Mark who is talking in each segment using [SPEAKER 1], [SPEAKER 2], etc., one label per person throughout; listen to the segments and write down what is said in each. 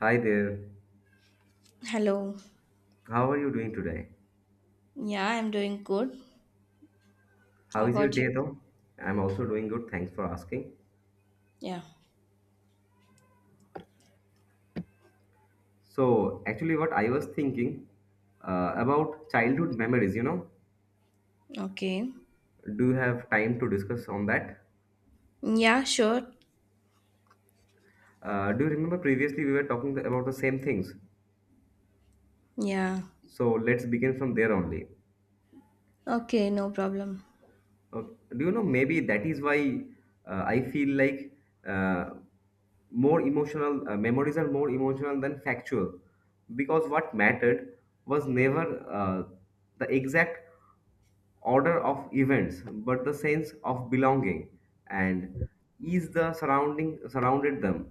[SPEAKER 1] Hi there.
[SPEAKER 2] Hello.
[SPEAKER 1] How are you doing today?
[SPEAKER 2] Yeah, I'm doing good. How
[SPEAKER 1] How is your
[SPEAKER 2] about
[SPEAKER 1] day
[SPEAKER 2] you?
[SPEAKER 1] though? I'm also doing good. Thanks for asking.
[SPEAKER 2] Yeah.
[SPEAKER 1] So, Actually, what I was thinking about childhood memories,
[SPEAKER 2] Okay.
[SPEAKER 1] do you have time to discuss on that?
[SPEAKER 2] Yeah, sure.
[SPEAKER 1] Do you remember previously we were talking about the same things?
[SPEAKER 2] Yeah.
[SPEAKER 1] So, let's begin from there only.
[SPEAKER 2] Okay, no problem.
[SPEAKER 1] Okay. Do you know maybe that is why I feel like uh, more emotional memories are more emotional than factual because what mattered was never the exact order of events but the sense of belonging and ease the surrounding surrounded them.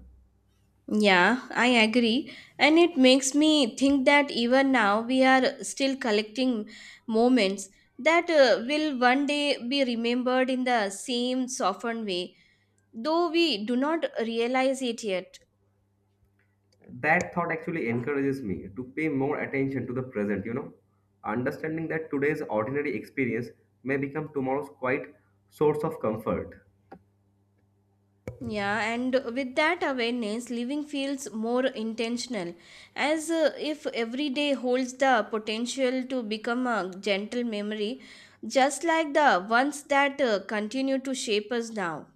[SPEAKER 2] Yeah, I agree. And it makes me think that even now we are still collecting moments that will one day be remembered in the same softened way, though we do not realize it yet.
[SPEAKER 1] That thought actually encourages me to pay more attention to the present, understanding that today's ordinary experience may become tomorrow's quite source of comfort.
[SPEAKER 2] Yeah, and with that awareness, living feels more intentional, as if every day holds the potential to become a gentle memory, just like the ones that continue to shape us now.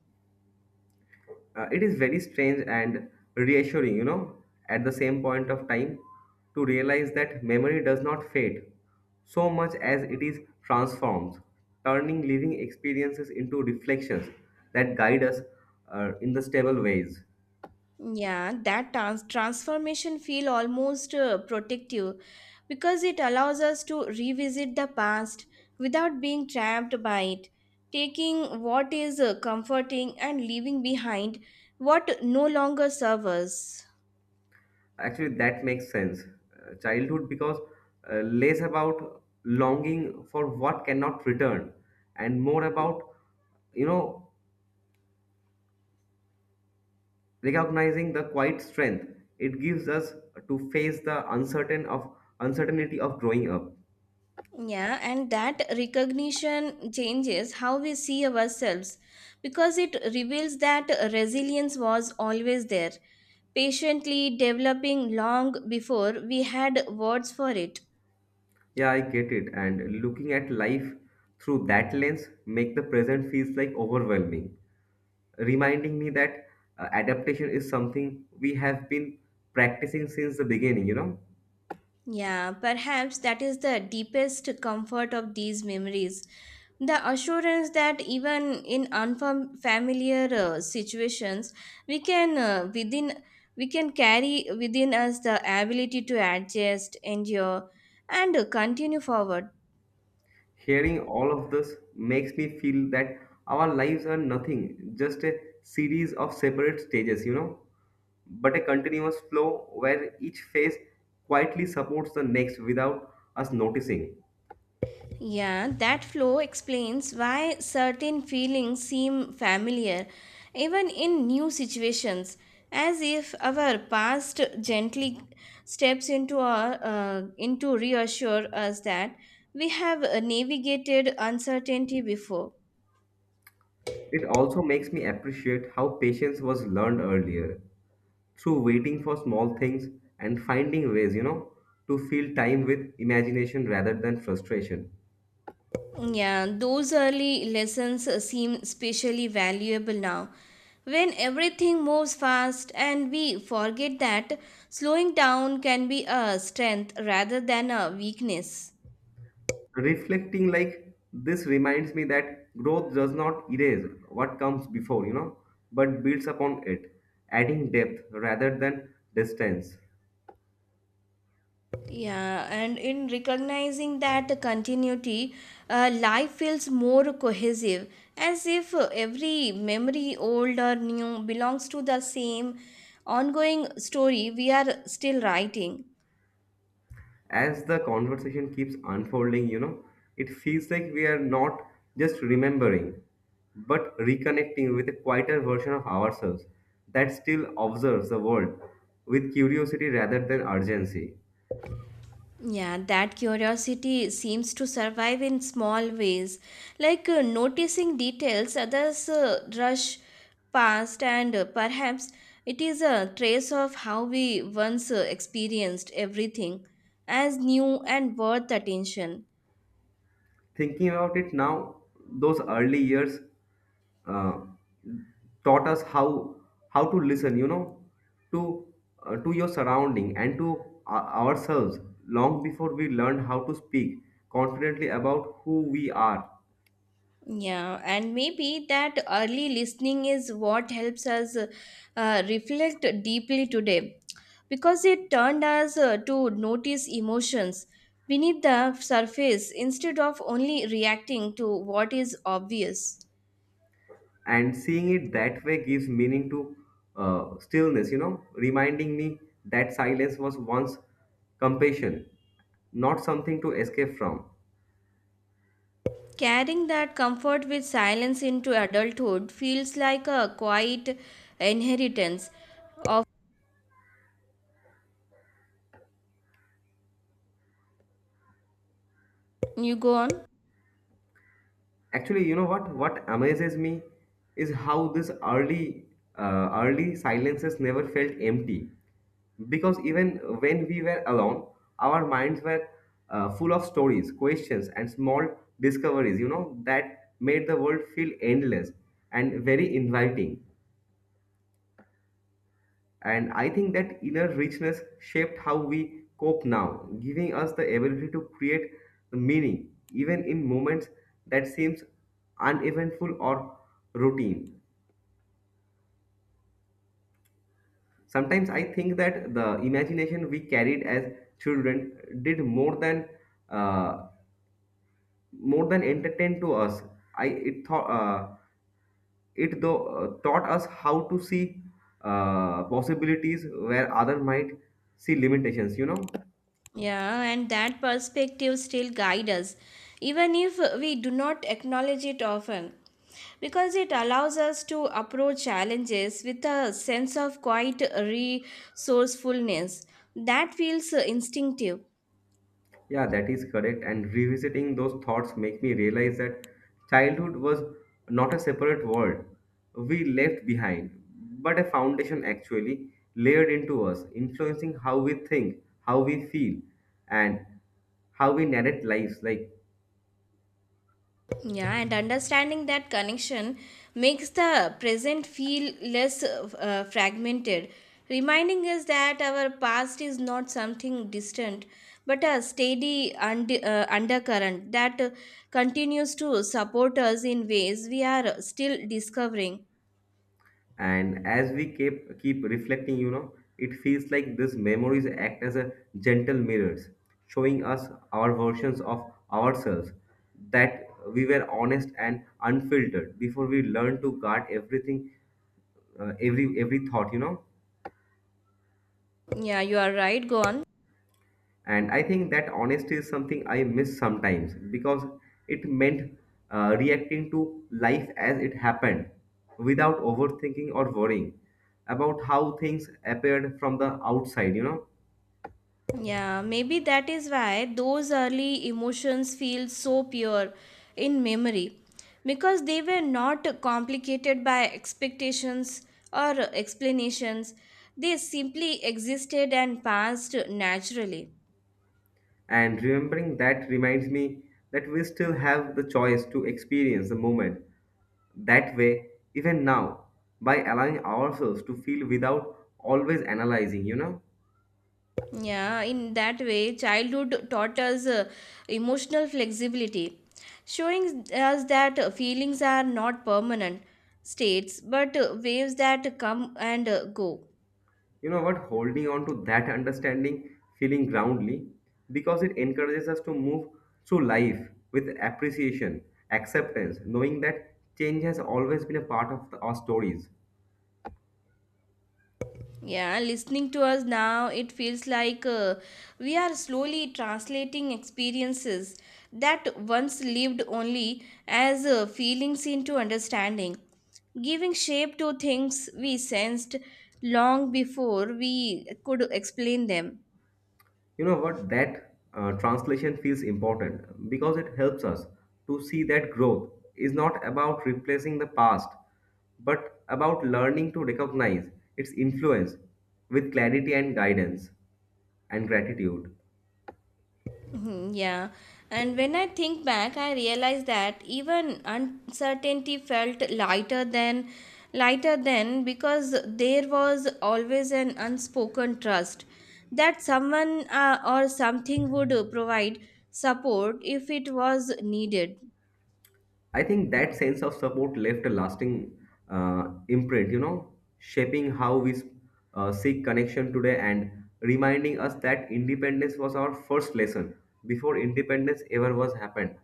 [SPEAKER 1] It is very strange and reassuring, at the same point of time to realize that memory does not fade so much as it is transformed, turning living experiences into reflections that guide us in the stable ways.
[SPEAKER 2] Yeah, that transformation feel almost protective because it allows us to revisit the past without being trapped by it, taking what is comforting and leaving behind what no longer serves us.
[SPEAKER 1] Actually, that makes sense. Childhood, because less about longing for what cannot return and more about, you know, recognizing the quiet strength it gives us to face the uncertainty of growing up.
[SPEAKER 2] Yeah, and that recognition changes how we see ourselves because it reveals that resilience was always there, patiently developing long before we had words for it.
[SPEAKER 1] Yeah, I get it. And looking at life through that lens make the present feels like overwhelming, reminding me that adaptation is something we have been practicing since the beginning.
[SPEAKER 2] Yeah, perhaps that is the deepest comfort of these memories. The assurance that even in unfamiliar situations, we can uh, within we can carry within us the ability to adjust, endure, and continue forward.
[SPEAKER 1] Hearing all of this makes me feel that our lives are nothing, just a series of separate stages, but a continuous flow where each phase quietly supports the next without us noticing.
[SPEAKER 2] Yeah, that flow explains why certain feelings seem familiar, even in new situations, as if our past gently steps into reassure us that we have navigated uncertainty before.
[SPEAKER 1] It also makes me appreciate how patience was learned earlier through waiting for small things and finding ways, to fill time with imagination rather than frustration.
[SPEAKER 2] Yeah, those early lessons seem especially valuable now, when everything moves fast and we forget that slowing down can be a strength rather than a weakness.
[SPEAKER 1] Reflecting like this reminds me that growth does not erase what comes before, but builds upon it, adding depth rather than distance.
[SPEAKER 2] Yeah, and in recognizing that continuity, life feels more cohesive, as if every memory, old or new, belongs to the same ongoing story we are still writing.
[SPEAKER 1] As the conversation keeps unfolding, it feels like we are not just remembering, but reconnecting with a quieter version of ourselves that still observes the world with curiosity rather than urgency.
[SPEAKER 2] Yeah, that curiosity seems to survive in small ways, like noticing details others rush past, and perhaps it is a trace of how we once experienced everything as new and worth attention.
[SPEAKER 1] Thinking about it now, those early years uh, taught us how to listen. You know, to to your surrounding and to ourselves long before we learned how to speak confidently about who we are.
[SPEAKER 2] Yeah, and maybe that early listening is what helps us reflect deeply today because it turned us to notice emotions beneath the surface instead of only reacting to what is obvious.
[SPEAKER 1] And seeing it that way gives meaning to stillness. You know, reminding me that silence was once compassion, not something to escape from.
[SPEAKER 2] Carrying that comfort with silence into adulthood feels like a quiet inheritance of you go on.
[SPEAKER 1] Actually, you know what? What amazes me is how this early silences never felt empty. Because even when we were alone, our minds were full of stories, questions, and small discoveries, that made the world feel endless and very inviting. And I think that inner richness shaped how we cope now, giving us the ability to create the meaning, even in moments that seems uneventful or routine. Sometimes I think that the imagination we carried as children did more than uh, more than entertain to us. I it thought it though taught us how to see possibilities where other might see limitations. You know.
[SPEAKER 2] Yeah, and that perspective still guides us, even if we do not acknowledge it often, because it allows us to approach challenges with a sense of quiet resourcefulness that feels instinctive.
[SPEAKER 1] Yeah, that is correct. And revisiting those thoughts make me realize that childhood was not a separate world we left behind, but a foundation actually layered into us, influencing how we think, how we feel, and how we narrate lives. Like,
[SPEAKER 2] Yeah, and understanding that connection makes the present feel less fragmented, reminding us that our past is not something distant but a steady undercurrent that continues to support us in ways we are still discovering.
[SPEAKER 1] and as we keep reflecting, it feels like these memories act as a gentle mirrors, showing us our versions of ourselves that we were honest and unfiltered before we learned to guard everything, every thought.
[SPEAKER 2] Yeah, you are right. Go on.
[SPEAKER 1] And I think that honesty is something I miss sometimes because it meant reacting to life as it happened without overthinking or worrying about how things appeared from the outside.
[SPEAKER 2] Yeah, maybe that is why those early emotions feel so pure in memory because they were not complicated by expectations or explanations. They simply existed and passed naturally.
[SPEAKER 1] And remembering that reminds me that we still have the choice to experience the moment that way, even now, by allowing ourselves to feel without always analyzing?
[SPEAKER 2] Yeah, in that way, childhood taught us emotional flexibility, showing us that feelings are not permanent states but waves that come and go.
[SPEAKER 1] You know what? Holding on to that understanding, feeling groundly, because it encourages us to move through life with appreciation, acceptance, knowing that change has always been a part of the- our stories.
[SPEAKER 2] Yeah, listening to us now, it feels like we are slowly translating experiences that once lived only as feelings into understanding, giving shape to things we sensed long before we could explain them.
[SPEAKER 1] You know what? That translation feels important because it helps us to see that growth is not about replacing the past, but about learning to recognize its influence with clarity and guidance and gratitude.
[SPEAKER 2] Mhm. Yeah. And when I think back, I realize that even uncertainty felt lighter then because there was always an unspoken trust that someone or something would provide support if it was needed.
[SPEAKER 1] I think that sense of support left a lasting imprint, shaping how we seek connection today and reminding us that independence was our first lesson before independence ever was happened.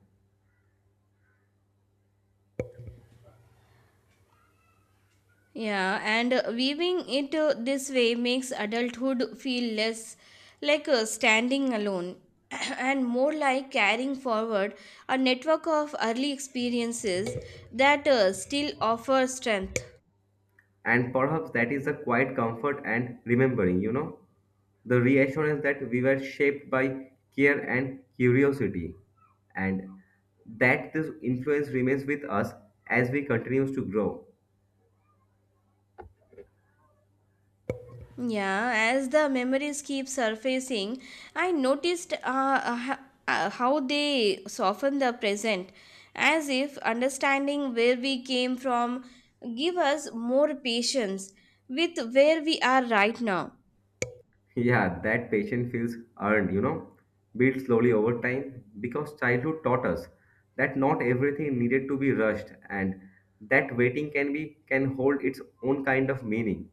[SPEAKER 2] Yeah, and weaving it this way makes adulthood feel less like standing alone and more like carrying forward a network of early experiences that still offer strength.
[SPEAKER 1] And perhaps that is a quiet comfort and remembering, the reassurance that we were shaped by care and curiosity, and that this influence remains with us as we continues to grow.
[SPEAKER 2] Yeah, as the memories keep surfacing, I noticed how they soften the present, as if understanding where we came from give us more patience with where we are right now.
[SPEAKER 1] Yeah, that patience feels earned, built slowly over time because childhood taught us that not everything needed to be rushed and that waiting can be can hold its own kind of meaning.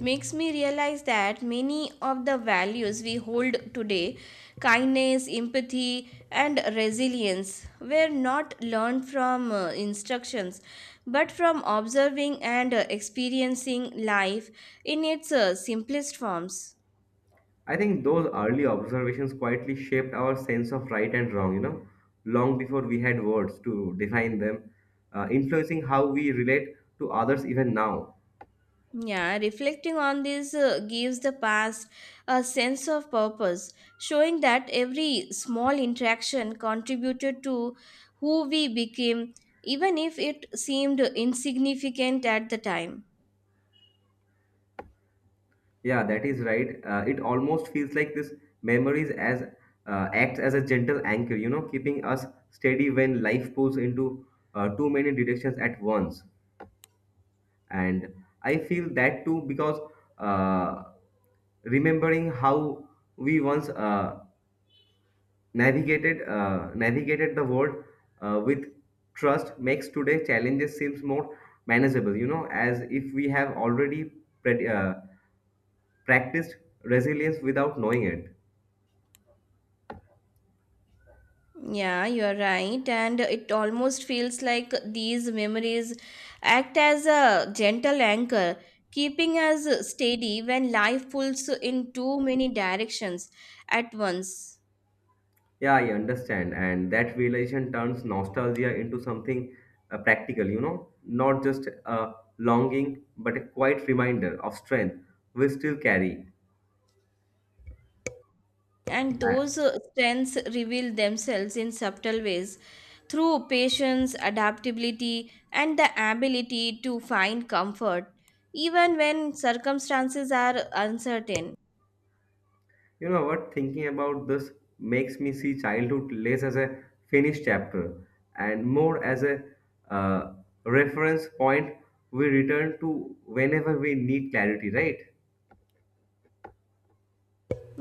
[SPEAKER 2] Makes me realize that many of the values we hold today, kindness, empathy, and resilience, were not learned from instructions but from observing and experiencing life in its simplest forms.
[SPEAKER 1] I think those early observations quietly shaped our sense of right and wrong, long before we had words to define them, influencing how we relate to others even now.
[SPEAKER 2] Yeah, reflecting on this gives the past a sense of purpose, showing that every small interaction contributed to who we became, even if it seemed insignificant at the time.
[SPEAKER 1] Yeah, that is right. It almost feels like this memories as acts as a gentle anchor, keeping us steady when life pulls into too many directions at once. And I feel that too because uh, remembering how we once navigated the world with trust makes today challenges seems more manageable you know as if we have already pre, uh, practiced resilience without knowing it.
[SPEAKER 2] Yeah, you're right, and it almost feels like these memories act as a gentle anchor, keeping us steady when life pulls in too many directions at once.
[SPEAKER 1] Yeah, I understand, and that realization turns nostalgia into something practical you know not just a longing but a quiet reminder of strength we still carry.
[SPEAKER 2] And
[SPEAKER 1] uh,
[SPEAKER 2] those strengths reveal themselves in subtle ways through patience, adaptability, and the ability to find comfort, even when circumstances are uncertain.
[SPEAKER 1] You know what? Thinking about this makes me see childhood less as a finished chapter and more as a uh, reference point we return to whenever we need clarity, right?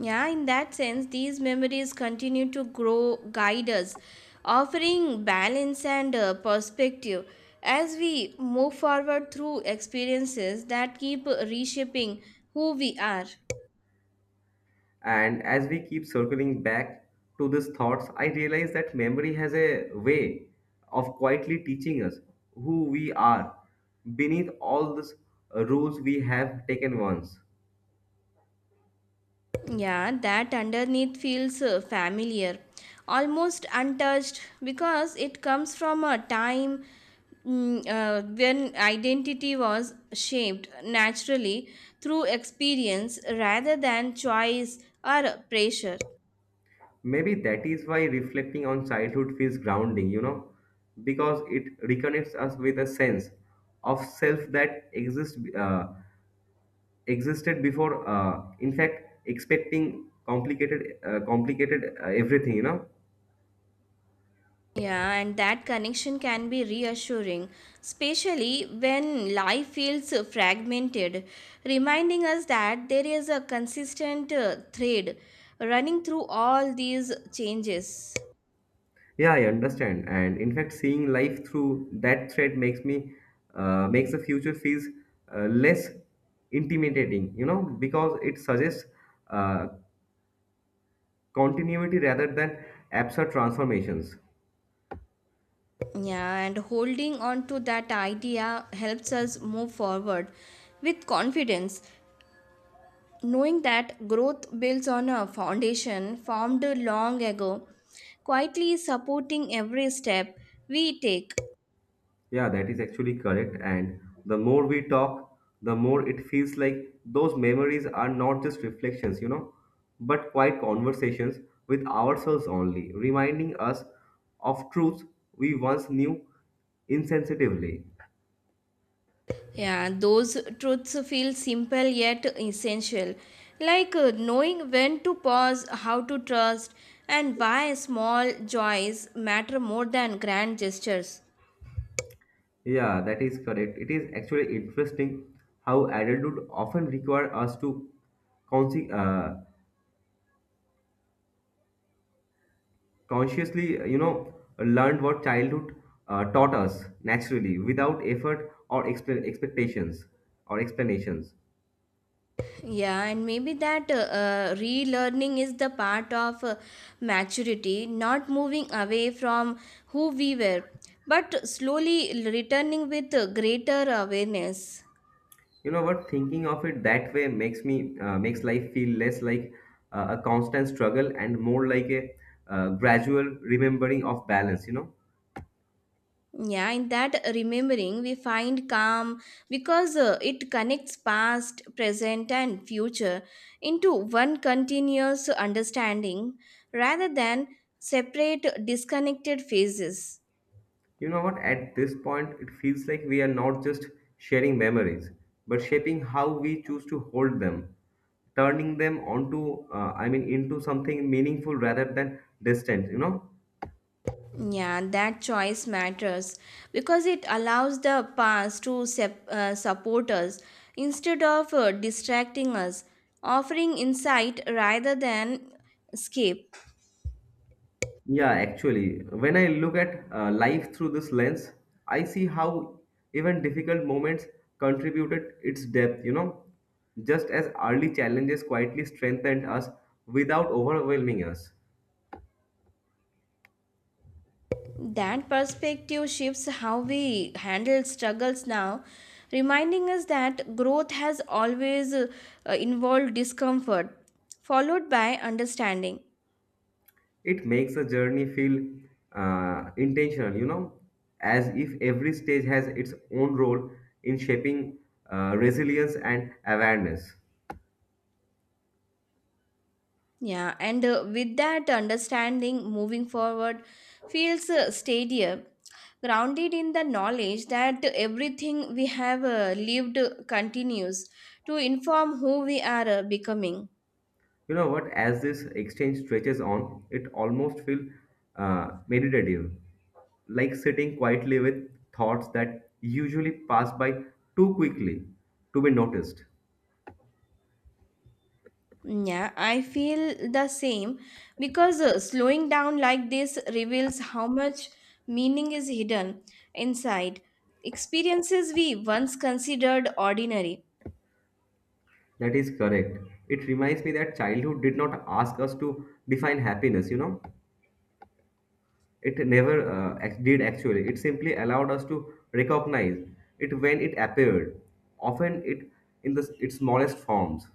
[SPEAKER 2] Yeah, in that sense, these memories continue to grow, guide us, offering balance and perspective as we move forward through experiences that keep reshaping who we are.
[SPEAKER 1] And as we keep circling back to these thoughts, I realize that memory has a way of quietly teaching us who we are beneath all these rules we have taken once.
[SPEAKER 2] Yeah, that underneath feels familiar, almost untouched because it comes from a time when identity was shaped naturally through experience rather than choice or pressure.
[SPEAKER 1] Maybe that is why reflecting on childhood feels grounding, because it reconnects us with a sense of self that exists existed before. In fact, expecting complicated everything, you know.
[SPEAKER 2] Yeah, and that connection can be reassuring, especially when life feels fragmented, reminding us that there is a consistent thread running through all these changes.
[SPEAKER 1] Yeah, I understand, and in fact, seeing life through that thread makes me makes the future feels less intimidating, because it suggests uh, continuity rather than absurd transformations.
[SPEAKER 2] Yeah, and holding on to that idea helps us move forward with confidence, knowing that growth builds on a foundation formed long ago, quietly supporting every step we take.
[SPEAKER 1] Yeah, that is actually correct. And the more we talk, the more it feels like those memories are not just reflections, but quite conversations with ourselves only, reminding us of truths we once knew insensitively.
[SPEAKER 2] Yeah, those truths feel simple yet essential, like knowing when to pause, how to trust, and why small joys matter more than grand gestures.
[SPEAKER 1] Yeah, that is correct. It is actually interesting how adulthood often require us to consi- uh, consciously you know learned what childhood taught us naturally without effort or expectations or explanations.
[SPEAKER 2] Yeah, and maybe that relearning is the part of maturity, not moving away from who we were, but slowly returning with greater awareness.
[SPEAKER 1] You know what thinking of it that way makes me makes life feel less like a constant struggle and more like a gradual remembering of balance you know.
[SPEAKER 2] Yeah, in that remembering, we find calm because it connects past, present, and future into one continuous understanding rather than separate, disconnected phases.
[SPEAKER 1] You know what? At this point, it feels like we are not just sharing memories, but shaping how we choose to hold them, turning them into something meaningful rather than distant, you know?
[SPEAKER 2] Yeah, that choice matters because it allows the past to support us instead of distracting us, offering insight rather than escape.
[SPEAKER 1] Yeah, actually, when I look at life through this lens, I see how even difficult moments contributed its depth, you know? Just as early challenges quietly strengthened us without overwhelming us.
[SPEAKER 2] That perspective shifts how we handle struggles now, reminding us that growth has always involved discomfort, followed by understanding.
[SPEAKER 1] It makes a journey feel intentional, as if every stage has its own role in shaping resilience and awareness.
[SPEAKER 2] Yeah, and with that understanding, moving forward feels steadier, grounded in the knowledge that everything we have lived continues to inform who we are becoming.
[SPEAKER 1] You know what? As this exchange stretches on, it almost feels meditative, like sitting quietly with thoughts that usually pass by too quickly to be noticed.
[SPEAKER 2] Yeah, I feel the same because slowing down like this reveals how much meaning is hidden inside experiences we once considered ordinary.
[SPEAKER 1] That is correct. It reminds me that childhood did not ask us to define happiness, you know. It never did actually. It simply allowed us to recognize it when it appeared, often it in the, its smallest forms.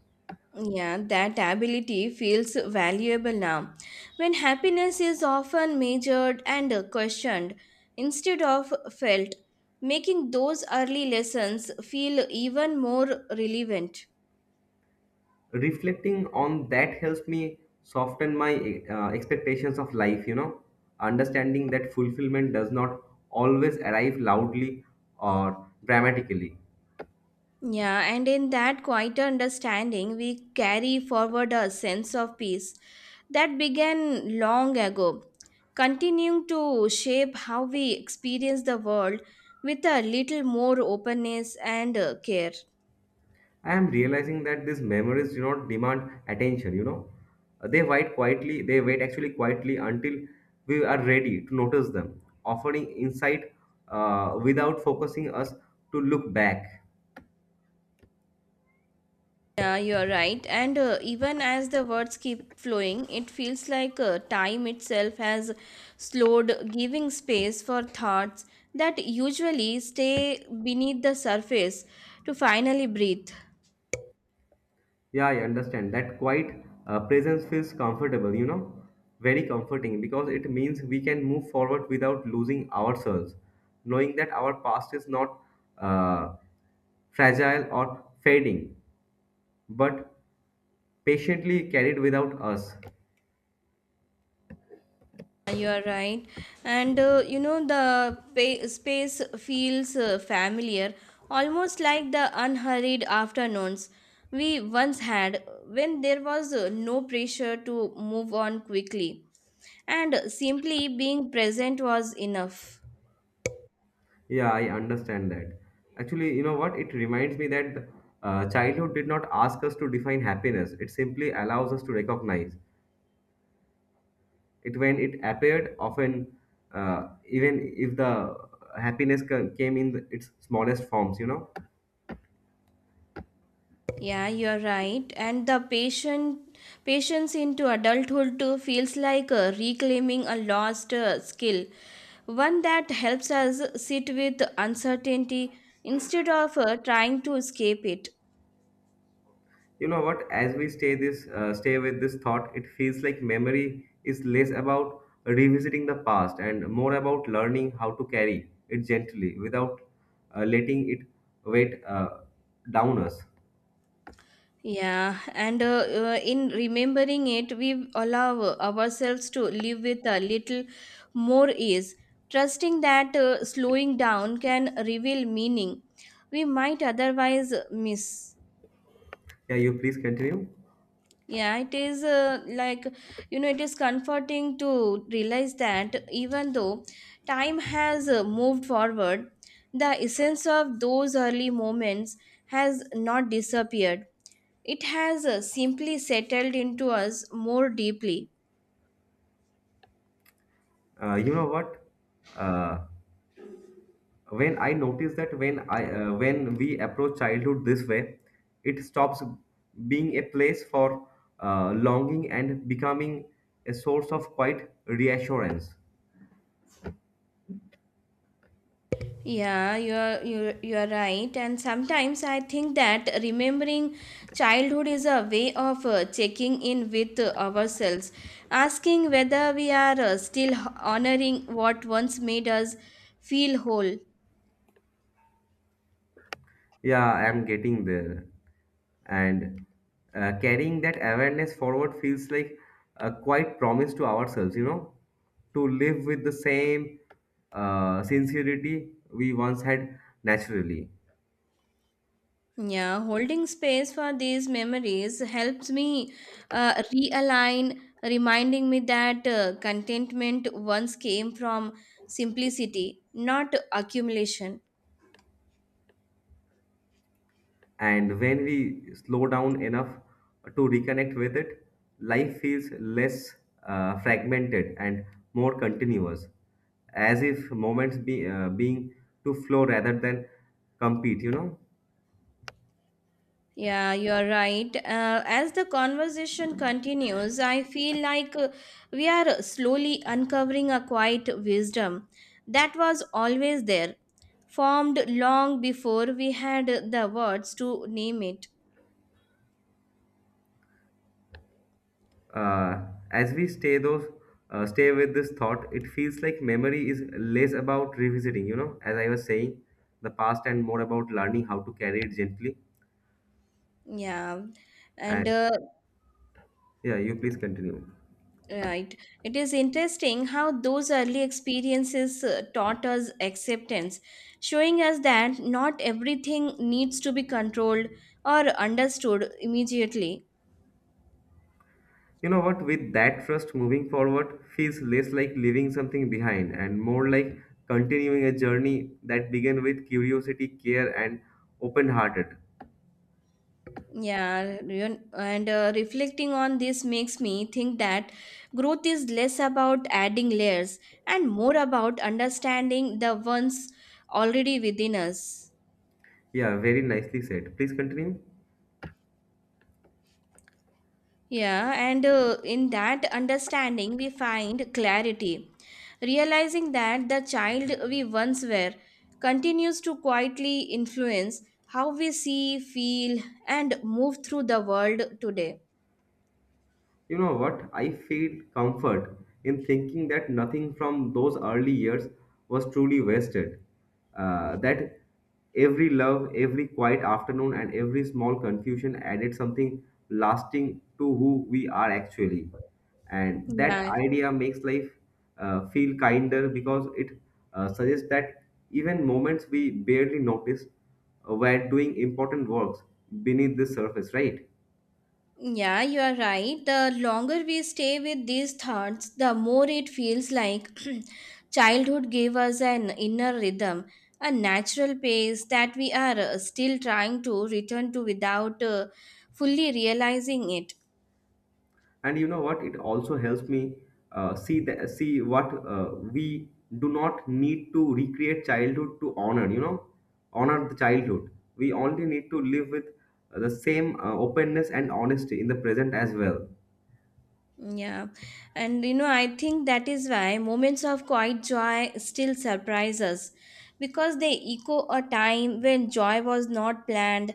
[SPEAKER 2] Yeah, that ability feels valuable now when happiness is often measured and questioned instead of felt, making those early lessons feel even more relevant.
[SPEAKER 1] Reflecting on that helps me soften my expectations of life, you know, understanding that fulfillment does not always arrive loudly or dramatically.
[SPEAKER 2] Yeah, and in that quieter understanding, we carry forward a sense of peace that began long ago, continuing to shape how we experience the world with a little more openness and care.
[SPEAKER 1] I am realizing that these memories do not demand attention, you know. They wait actually quietly until we are ready to notice them, offering insight without focusing us to look back.
[SPEAKER 2] Yeah, you're right. And even as the words keep flowing, it feels like time itself has slowed, giving space for thoughts that usually stay beneath the surface to finally breathe.
[SPEAKER 1] Yeah, I understand. That quiet presence feels comfortable, you know, very comforting because it means we can move forward without losing ourselves, knowing that our past is not uh, fragile or fading, but patiently carried without us.
[SPEAKER 2] Yeah, you are right. And you know, the space feels familiar, almost like the unhurried afternoons we once had when there was no pressure to move on quickly, and simply being present was enough.
[SPEAKER 1] Yeah, I understand that. Actually, you know what? It reminds me that childhood did not ask us to define happiness. It simply allows us to recognize it when it appeared, often, even if the came in its smallest forms, you know.
[SPEAKER 2] Yeah, you're right. And the patient patience into adulthood too feels like reclaiming a lost skill, one that helps us sit with uncertainty instead of trying to escape it.
[SPEAKER 1] you know what, as we stay with this thought, it feels like memory is less about revisiting the past and more about learning how to carry it gently without letting it weight down us.
[SPEAKER 2] Yeah, and in remembering it, we allow ourselves to live with a little more ease, trusting that slowing down can reveal meaning we might otherwise miss.
[SPEAKER 1] Yeah, you please continue.
[SPEAKER 2] Yeah, it is like, you know, it is comforting to realize that even though time has moved forward, the essence of those early moments has not disappeared. It has simply settled into us more deeply.
[SPEAKER 1] You know what? uh, when I notice that, when I when we approach childhood this way, it stops being a place for longing and becoming a source of quiet reassurance.
[SPEAKER 2] Yeah, you're right. And sometimes I think that remembering childhood is a way of checking in with ourselves, asking whether we are still honoring what once made us feel whole.
[SPEAKER 1] Yeah, I'm getting there. And carrying that awareness forward feels like a quiet promise to ourselves, you know, to live with the same sincerity we once had naturally.
[SPEAKER 2] Yeah, holding space for these memories helps me realign, reminding me that contentment once came from simplicity, not accumulation.
[SPEAKER 1] And when we slow down enough to reconnect with it, life feels less fragmented and more continuous, as if moments being to flow rather than compete, you know.
[SPEAKER 2] Yeah, you're right. As the conversation continues, I feel like we are slowly uncovering a quiet wisdom that was always there, formed long before we had the words to name it.
[SPEAKER 1] uh, as we stay with this thought, it feels like memory is less about revisiting, you know, as I was saying, the past, and more about learning how to carry it gently.
[SPEAKER 2] Yeah, and
[SPEAKER 1] And yeah, you please continue.
[SPEAKER 2] right. It is interesting how those early experiences taught us acceptance, showing us that not everything needs to be controlled or understood immediately.
[SPEAKER 1] You know what, with that trust moving forward feels less like leaving something behind and more like continuing a journey that began with curiosity, care, and open hearted.
[SPEAKER 2] Yeah, and reflecting on this makes me think that growth is less about adding layers and more about understanding the ones already within us.
[SPEAKER 1] Yeah, very nicely said, please continue.
[SPEAKER 2] Yeah, and in that understanding, we find clarity, realizing that the child we once were continues to quietly influence how we see, feel, and move through the world today.
[SPEAKER 1] You know what? I feel comfort in thinking that nothing from those early years was truly wasted. That every love, every quiet afternoon, and every small confusion added something lasting to who we are actually. And that
[SPEAKER 2] Yeah,
[SPEAKER 1] idea makes life feel kinder because it suggests that even moments we barely notice were doing important works beneath the surface, right?
[SPEAKER 2] Yeah, you are right. The longer we stay with these thoughts, the more it feels like childhood gave us an inner rhythm, a natural pace that we are still trying to return to without fully realizing it.
[SPEAKER 1] And you know what, it also helps me see what we do not need to recreate childhood to honor, you know, honor the childhood. We only need to live with the same openness and honesty in the present as well.
[SPEAKER 2] Yeah, and you know, I think that is why moments of quiet joy still surprise us because they echo a time when joy was not planned,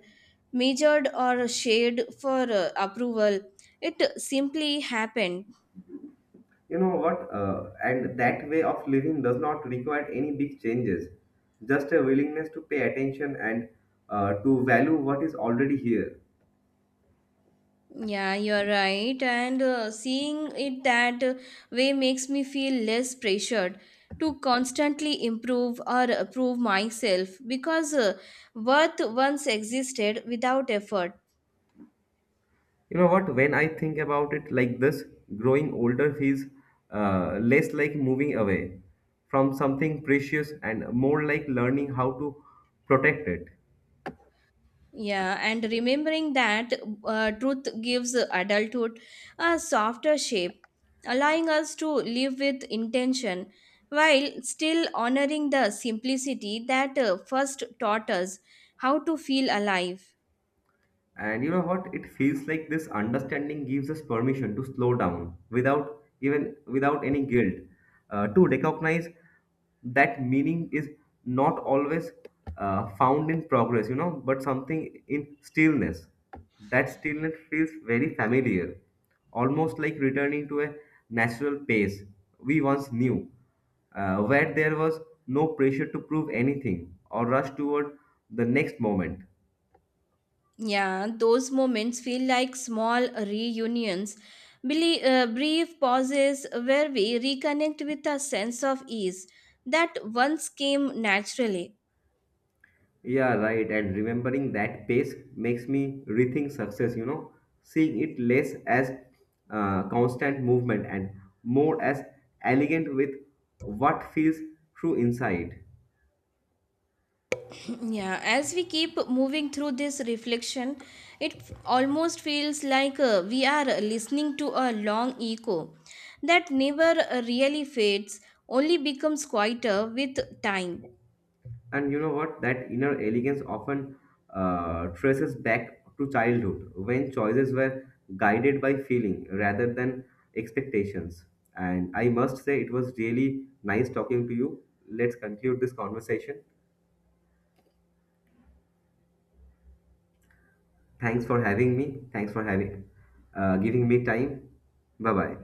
[SPEAKER 2] measured, or shared for approval. It simply happened.
[SPEAKER 1] You know what, and that way of living does not require any big changes, just a willingness to pay attention and to value what is already here.
[SPEAKER 2] Yeah, you're right, and seeing it that way makes me feel less pressured to constantly improve or prove myself because worth once existed without effort.
[SPEAKER 1] You know what? When I think about it like this, growing older feels less like moving away from something precious and more like learning how to protect it.
[SPEAKER 2] Yeah, and remembering that truth gives adulthood a softer shape, allowing us to live with intention while still honoring the simplicity that first taught us how to feel alive.
[SPEAKER 1] And you know what? It feels like this understanding gives us permission to slow down without, even without any guilt, to recognize that meaning is not always found in progress, you know, but something in stillness. That stillness feels very familiar, almost like returning to a natural pace we once knew, where there was no pressure to prove anything or rush toward the next moment.
[SPEAKER 2] Yeah, those moments feel like small reunions, brief pauses where we reconnect with a sense of ease that once came naturally.
[SPEAKER 1] Yeah, right. And remembering that pace makes me rethink success, you know, seeing it less as constant movement and more as elegant with what feels true inside.
[SPEAKER 2] Yeah, as we keep moving through this reflection, almost feels like we are listening to a long echo that never really fades, only becomes quieter with time.
[SPEAKER 1] And you know what? That inner elegance often traces back to childhood when choices were guided by feeling rather than expectations. And I must say, it was really nice talking to you. Let's conclude this conversation. Thanks for having me. Thanks for having giving me time. Bye bye.